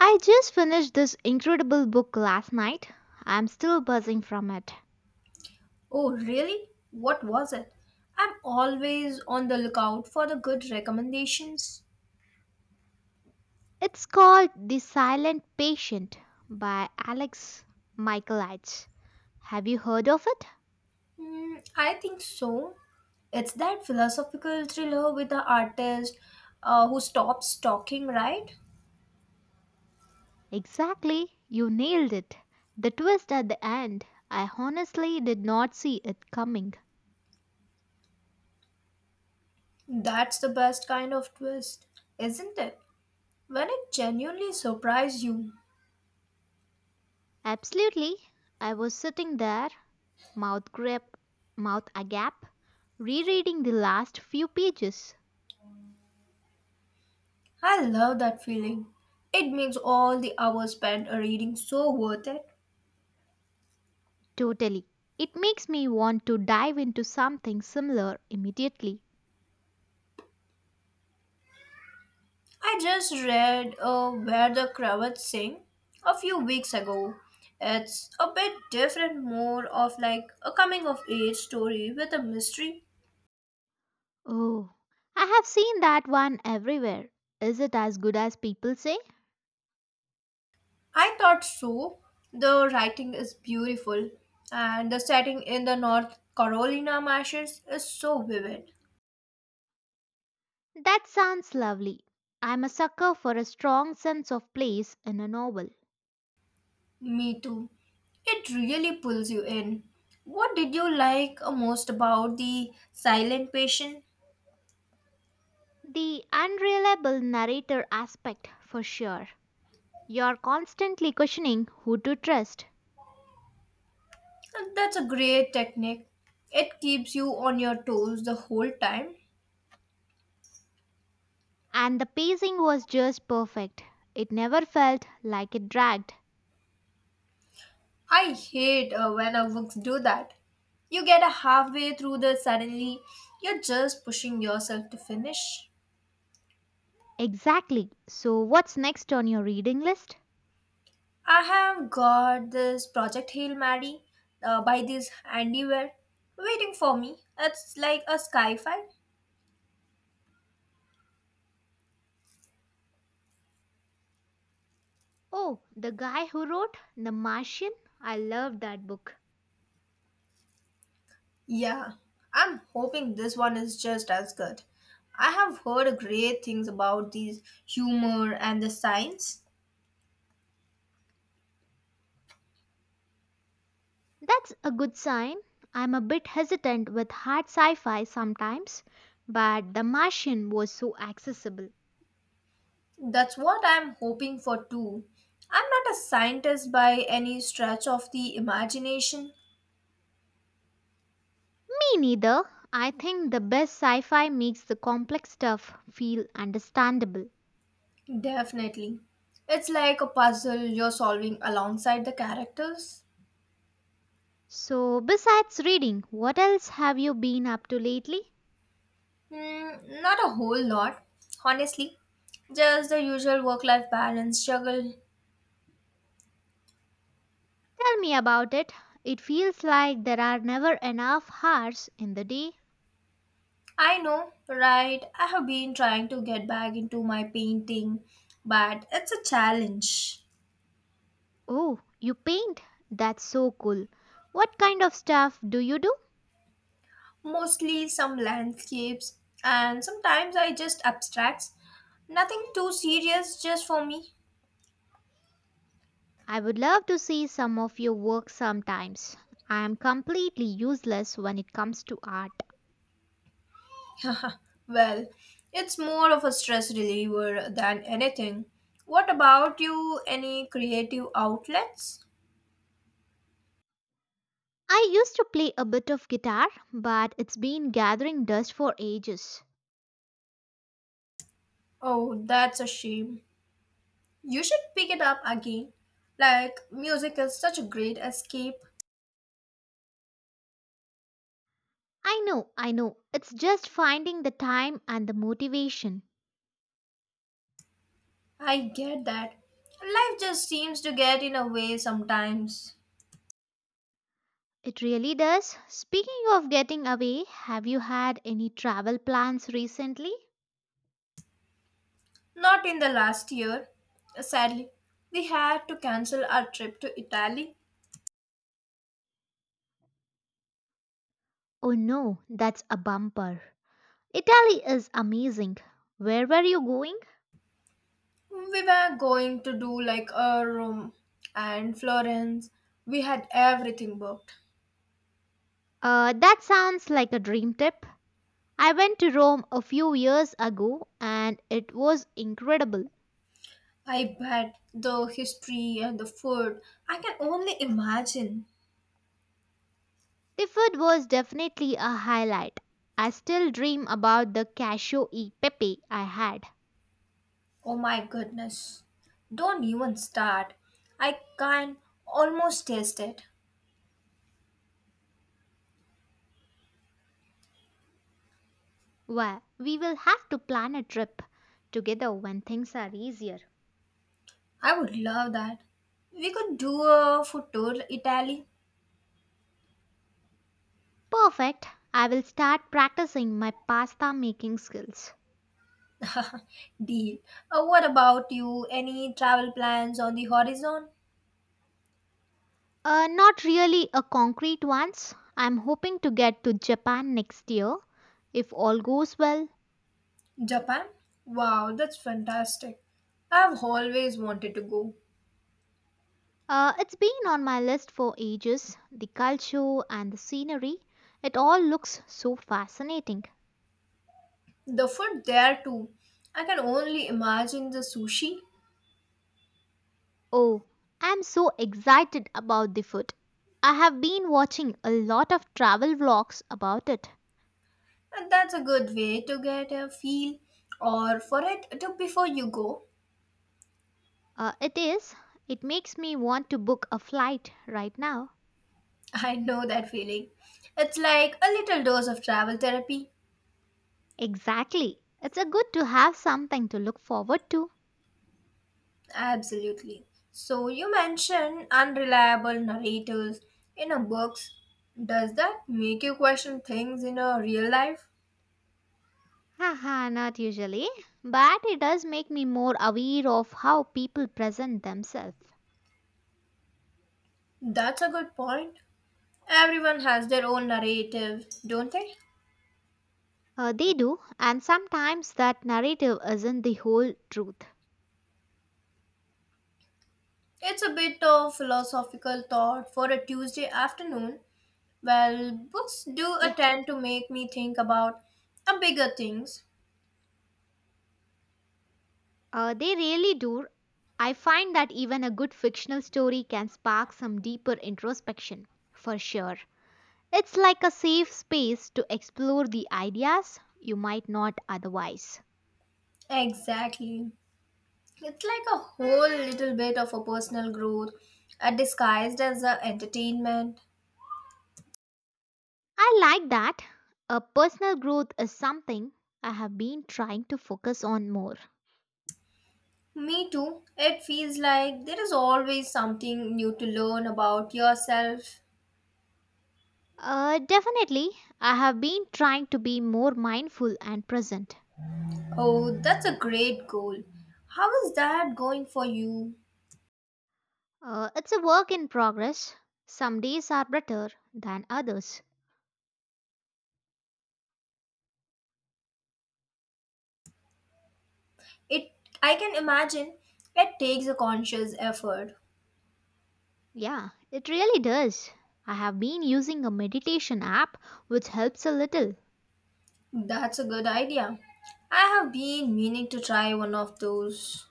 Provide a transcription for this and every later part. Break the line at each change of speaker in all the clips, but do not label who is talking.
I just finished this incredible book last night. I'm still buzzing from it.
Oh, really? What was it? I'm always on the lookout for the good recommendations.
It's called The Silent Patient by Alex Michaelides. Have you heard of it?
Hmm, I think so. It's that philosophical thriller with the artist who stops talking, right?
Exactly, you nailed it. The twist at the end, I honestly did not see it coming.
That's the best kind of twist, isn't it? When it genuinely surprises you.
Absolutely, I was sitting there, mouth grip, mouth agape, rereading the last few pages.
I love that feeling. It makes all the hours spent reading so worth it.
Totally. It makes me want to dive into something similar immediately.
I just read Where the Cravats Sing a few weeks ago. It's a bit different, more of like a coming of age story with a mystery.
Oh, I have seen that one everywhere. Is it as good as people say?
I thought so. The writing is beautiful, and the setting in the North Carolina marshes is so vivid.
That sounds lovely. I'm a sucker for a strong sense of place in a novel.
Me too. It really pulls you in. What did you like most about the silent patient?
The unreliable narrator aspect, for sure. You're constantly questioning who to trust.
And that's a great technique. It keeps you on your toes the whole time.
And the pacing was just perfect. It never felt like it dragged.
I hate when our books do that. You get a halfway through the suddenly you're just pushing yourself to finish.
Exactly. So, what's next on your reading list?
I have got this Project Hail Mary by this Andy Ware waiting for me. It's like a sci-fi.
Oh, the guy who wrote The Martian? I love that book.
Yeah, I'm hoping this one is just as good. I have heard great things about these humor and the science.
That's a good sign. I'm a bit hesitant with hard sci fi sometimes, but The Martian was so accessible.
That's what I'm hoping for too. I'm not a scientist by any stretch of the imagination.
Me neither. I think the best sci fi makes the complex stuff feel understandable.
Definitely. It's like a puzzle you're solving alongside the characters.
So, besides reading, what else have you been up to lately?
Hmm, not a whole lot, honestly. Just the usual work life balance juggle.
Tell me about it. It feels like there are never enough hours in the day.
I know, right? I have been trying to get back into my painting, but it's a challenge.
Oh, you paint? That's so cool. What kind of stuff do you do?
Mostly some landscapes and sometimes I just abstracts. Nothing too serious just for me.
I would love to see some of your work sometimes. I am completely useless when it comes to art.
Well, it's more of a stress reliever than anything. What about you? Any creative outlets?
I used to play a bit of guitar, but it's been gathering dust for ages.
Oh, that's a shame. You should pick it up again. Like, music is such a great escape.
I know, I know. It's just finding the time and the motivation.
I get that. Life just seems to get in a way sometimes.
It really does. Speaking of getting away, have you had any travel plans recently?
Not in the last year, sadly. We had to cancel our trip to Italy.
Oh no, that's a bumper. Italy is amazing. Where were you going?
We were going to do like a Rome and Florence. We had everything booked.
That sounds like a dream trip. I went to Rome a few years ago and it was incredible.
I bet the history and the food. I can only imagine.
The food was definitely a highlight. I still dream about the cashew e pepe I had.
Oh my goodness. Don't even start. I can almost taste it.
Well, we will have to plan a trip together when things are easier.
I would love that. We could do a food tour Italy.
Perfect. I will start practicing my pasta making skills.
Deal. What about you? Any travel plans on the horizon?
Not really a concrete ones. I'm hoping to get to Japan next year if all goes well.
Japan? Wow, that's fantastic. I've always wanted to go.
It's been on my list for ages. The culture and the scenery, it all looks so fascinating.
The food there too. I can only imagine the sushi.
Oh, I'm so excited about the food. I have been watching a lot of travel vlogs about it.
And that's a good way to get a feel or for it to before you go.
It is, it makes me want to book a flight right now.
I know that feeling. It's like a little dose of travel therapy.
Exactly. It's a good to have something to look forward to.
Absolutely. So you mentioned unreliable narrators in a books. Does that make you question things in a real life?
Haha, not usually, but it does make me more aware of how people present themselves.
That's a good point. Everyone has their own narrative, don't they?
They do, and sometimes that narrative isn't the whole truth.
It's a bit of philosophical thought for a Tuesday afternoon. Well, books do
Yeah,
attend to make me think about a bigger things.
they really do. I find that even a good fictional story can spark some deeper introspection, for sure. It's like a safe space to explore the ideas you might not otherwise.
Exactly. It's like a whole little bit of a personal growth disguised as a entertainment.
I like that. A personal growth is something I have been trying to focus on more.
Me too. It feels like there is always something new to learn about yourself.
Definitely, I have been trying to be more mindful and present.
Oh, that's a great goal. How is that going for you?
It's a work in progress. Some days are better than others.
It I can imagine it takes a conscious effort.
Yeah, it really does. I have been using a meditation app which helps a little.
That's a good idea. I have been meaning to try one of those.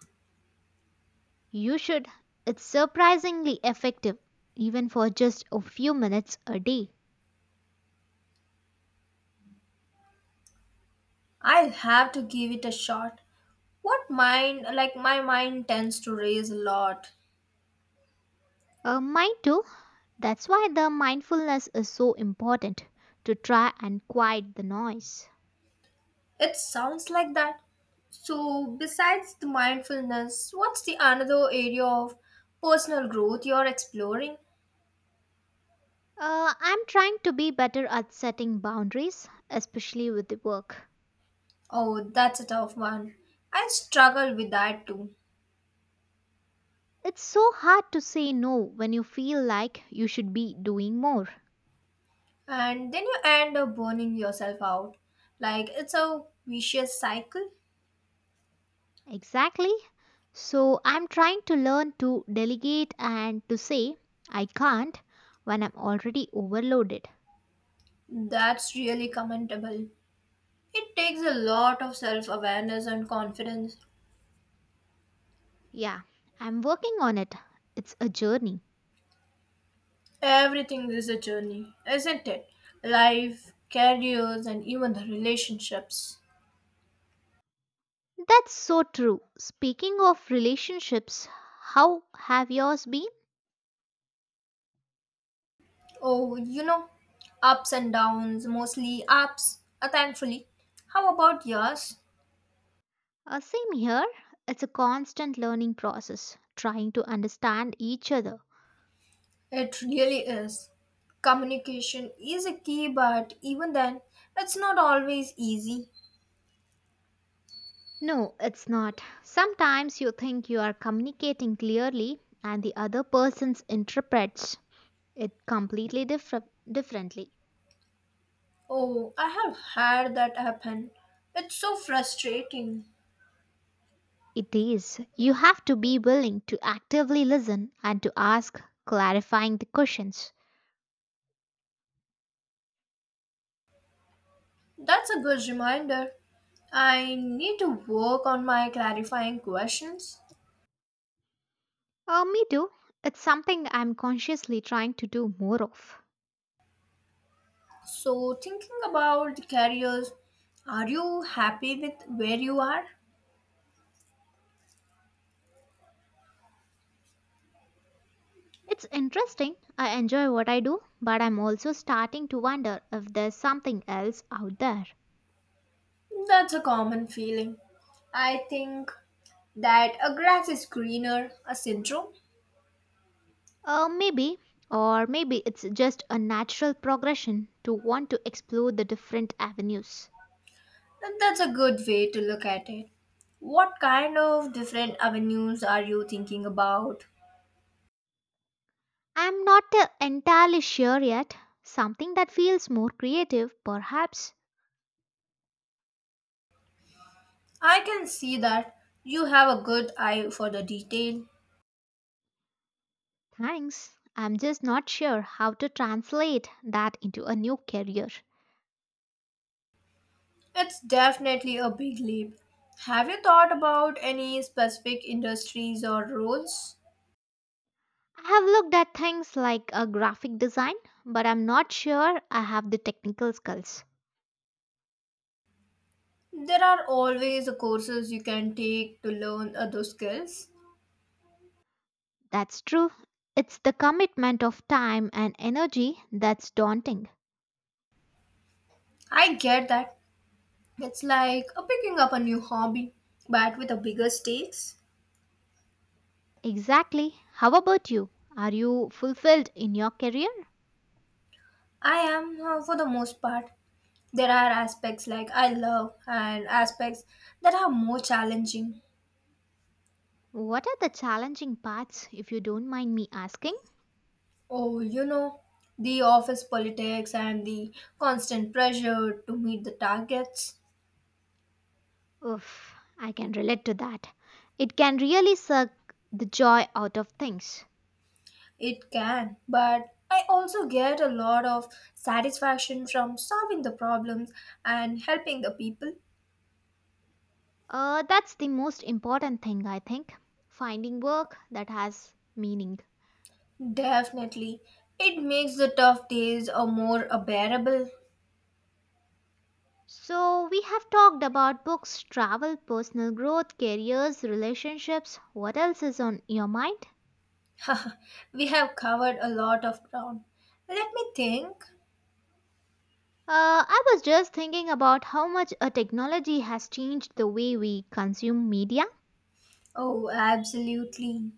You should. It's surprisingly effective, even for just a few minutes a day.
I'll have to give it a shot. What mind, like my mind tends to raise a lot.
Mine too. That's why the mindfulness is so important to try and quiet the noise.
It sounds like that. So, besides the mindfulness, what's the another area of personal growth you're exploring?
I'm trying to be better at setting boundaries, especially with the work.
Oh, that's a tough one. I struggle with that too.
It's so hard to say no when you feel like you should be doing more.
And then you end up burning yourself out. Like it's a vicious cycle.
Exactly. So I'm trying to learn to delegate and to say I can't when I'm already overloaded.
That's really commendable. It takes a lot of self awareness and confidence.
Yeah, I'm working on it. It's a journey.
Everything is a journey, isn't it? Life, careers, and even the relationships.
That's so true. Speaking of relationships, how have yours been?
Oh, you know, ups and downs, mostly ups, thankfully. How about yours?
Same here. It's a constant learning process, trying to understand each other.
It really is. Communication is a key, but even then, it's not always easy.
No, it's not. Sometimes you think you are communicating clearly and the other person interprets it completely differently.
Oh, I have had that happen. It's so frustrating.
It is. You have to be willing to actively listen and to ask clarifying the questions.
That's a good reminder. I need to work on my clarifying questions.
Me too. It's something I'm consciously trying to do more of.
So, thinking about the careers, are you happy with where you are?
It's interesting. I enjoy what I do, but I'm also starting to wonder if there's something else out there.
That's a common feeling. I think that a grass is greener, a syndrome,
Maybe, or maybe it's just a natural progression to want to explore the different avenues.
and that's a good way to look at it. What kind of different avenues are you thinking about?
I'm not entirely sure yet. Something that feels more creative, perhaps.
I can see that you have a good eye for the detail.
Thanks. I'm just not sure how to translate that into a new career.
It's definitely a big leap. Have you thought about any specific industries or roles?
I have looked at things like a graphic design, but I'm not sure I have the technical skills.
There are always courses you can take to learn other skills.
That's true. It's the commitment of time and energy that's daunting.
I get that. It's like picking up a new hobby, but with a bigger stakes.
Exactly. How about you? Are you fulfilled in your career?
I am, for the most part, there are aspects like I love and aspects that are more challenging.
What are the challenging parts, if you don't mind me asking?
Oh, you know, the office politics and the constant pressure to meet the targets.
Oof, I can relate to that. It can really suck the joy out of things.
It can, but I also get a lot of satisfaction from solving the problems and helping the people.
That's the most important thing, I think. Finding work that has meaning.
Definitely. It makes the tough days a more a bearable.
So, we have talked about books, travel, personal growth, careers, relationships. What else is on your mind?
We have covered a lot of ground. Let me think.
I was just thinking about how much a technology has changed the way we consume media.
Oh, absolutely.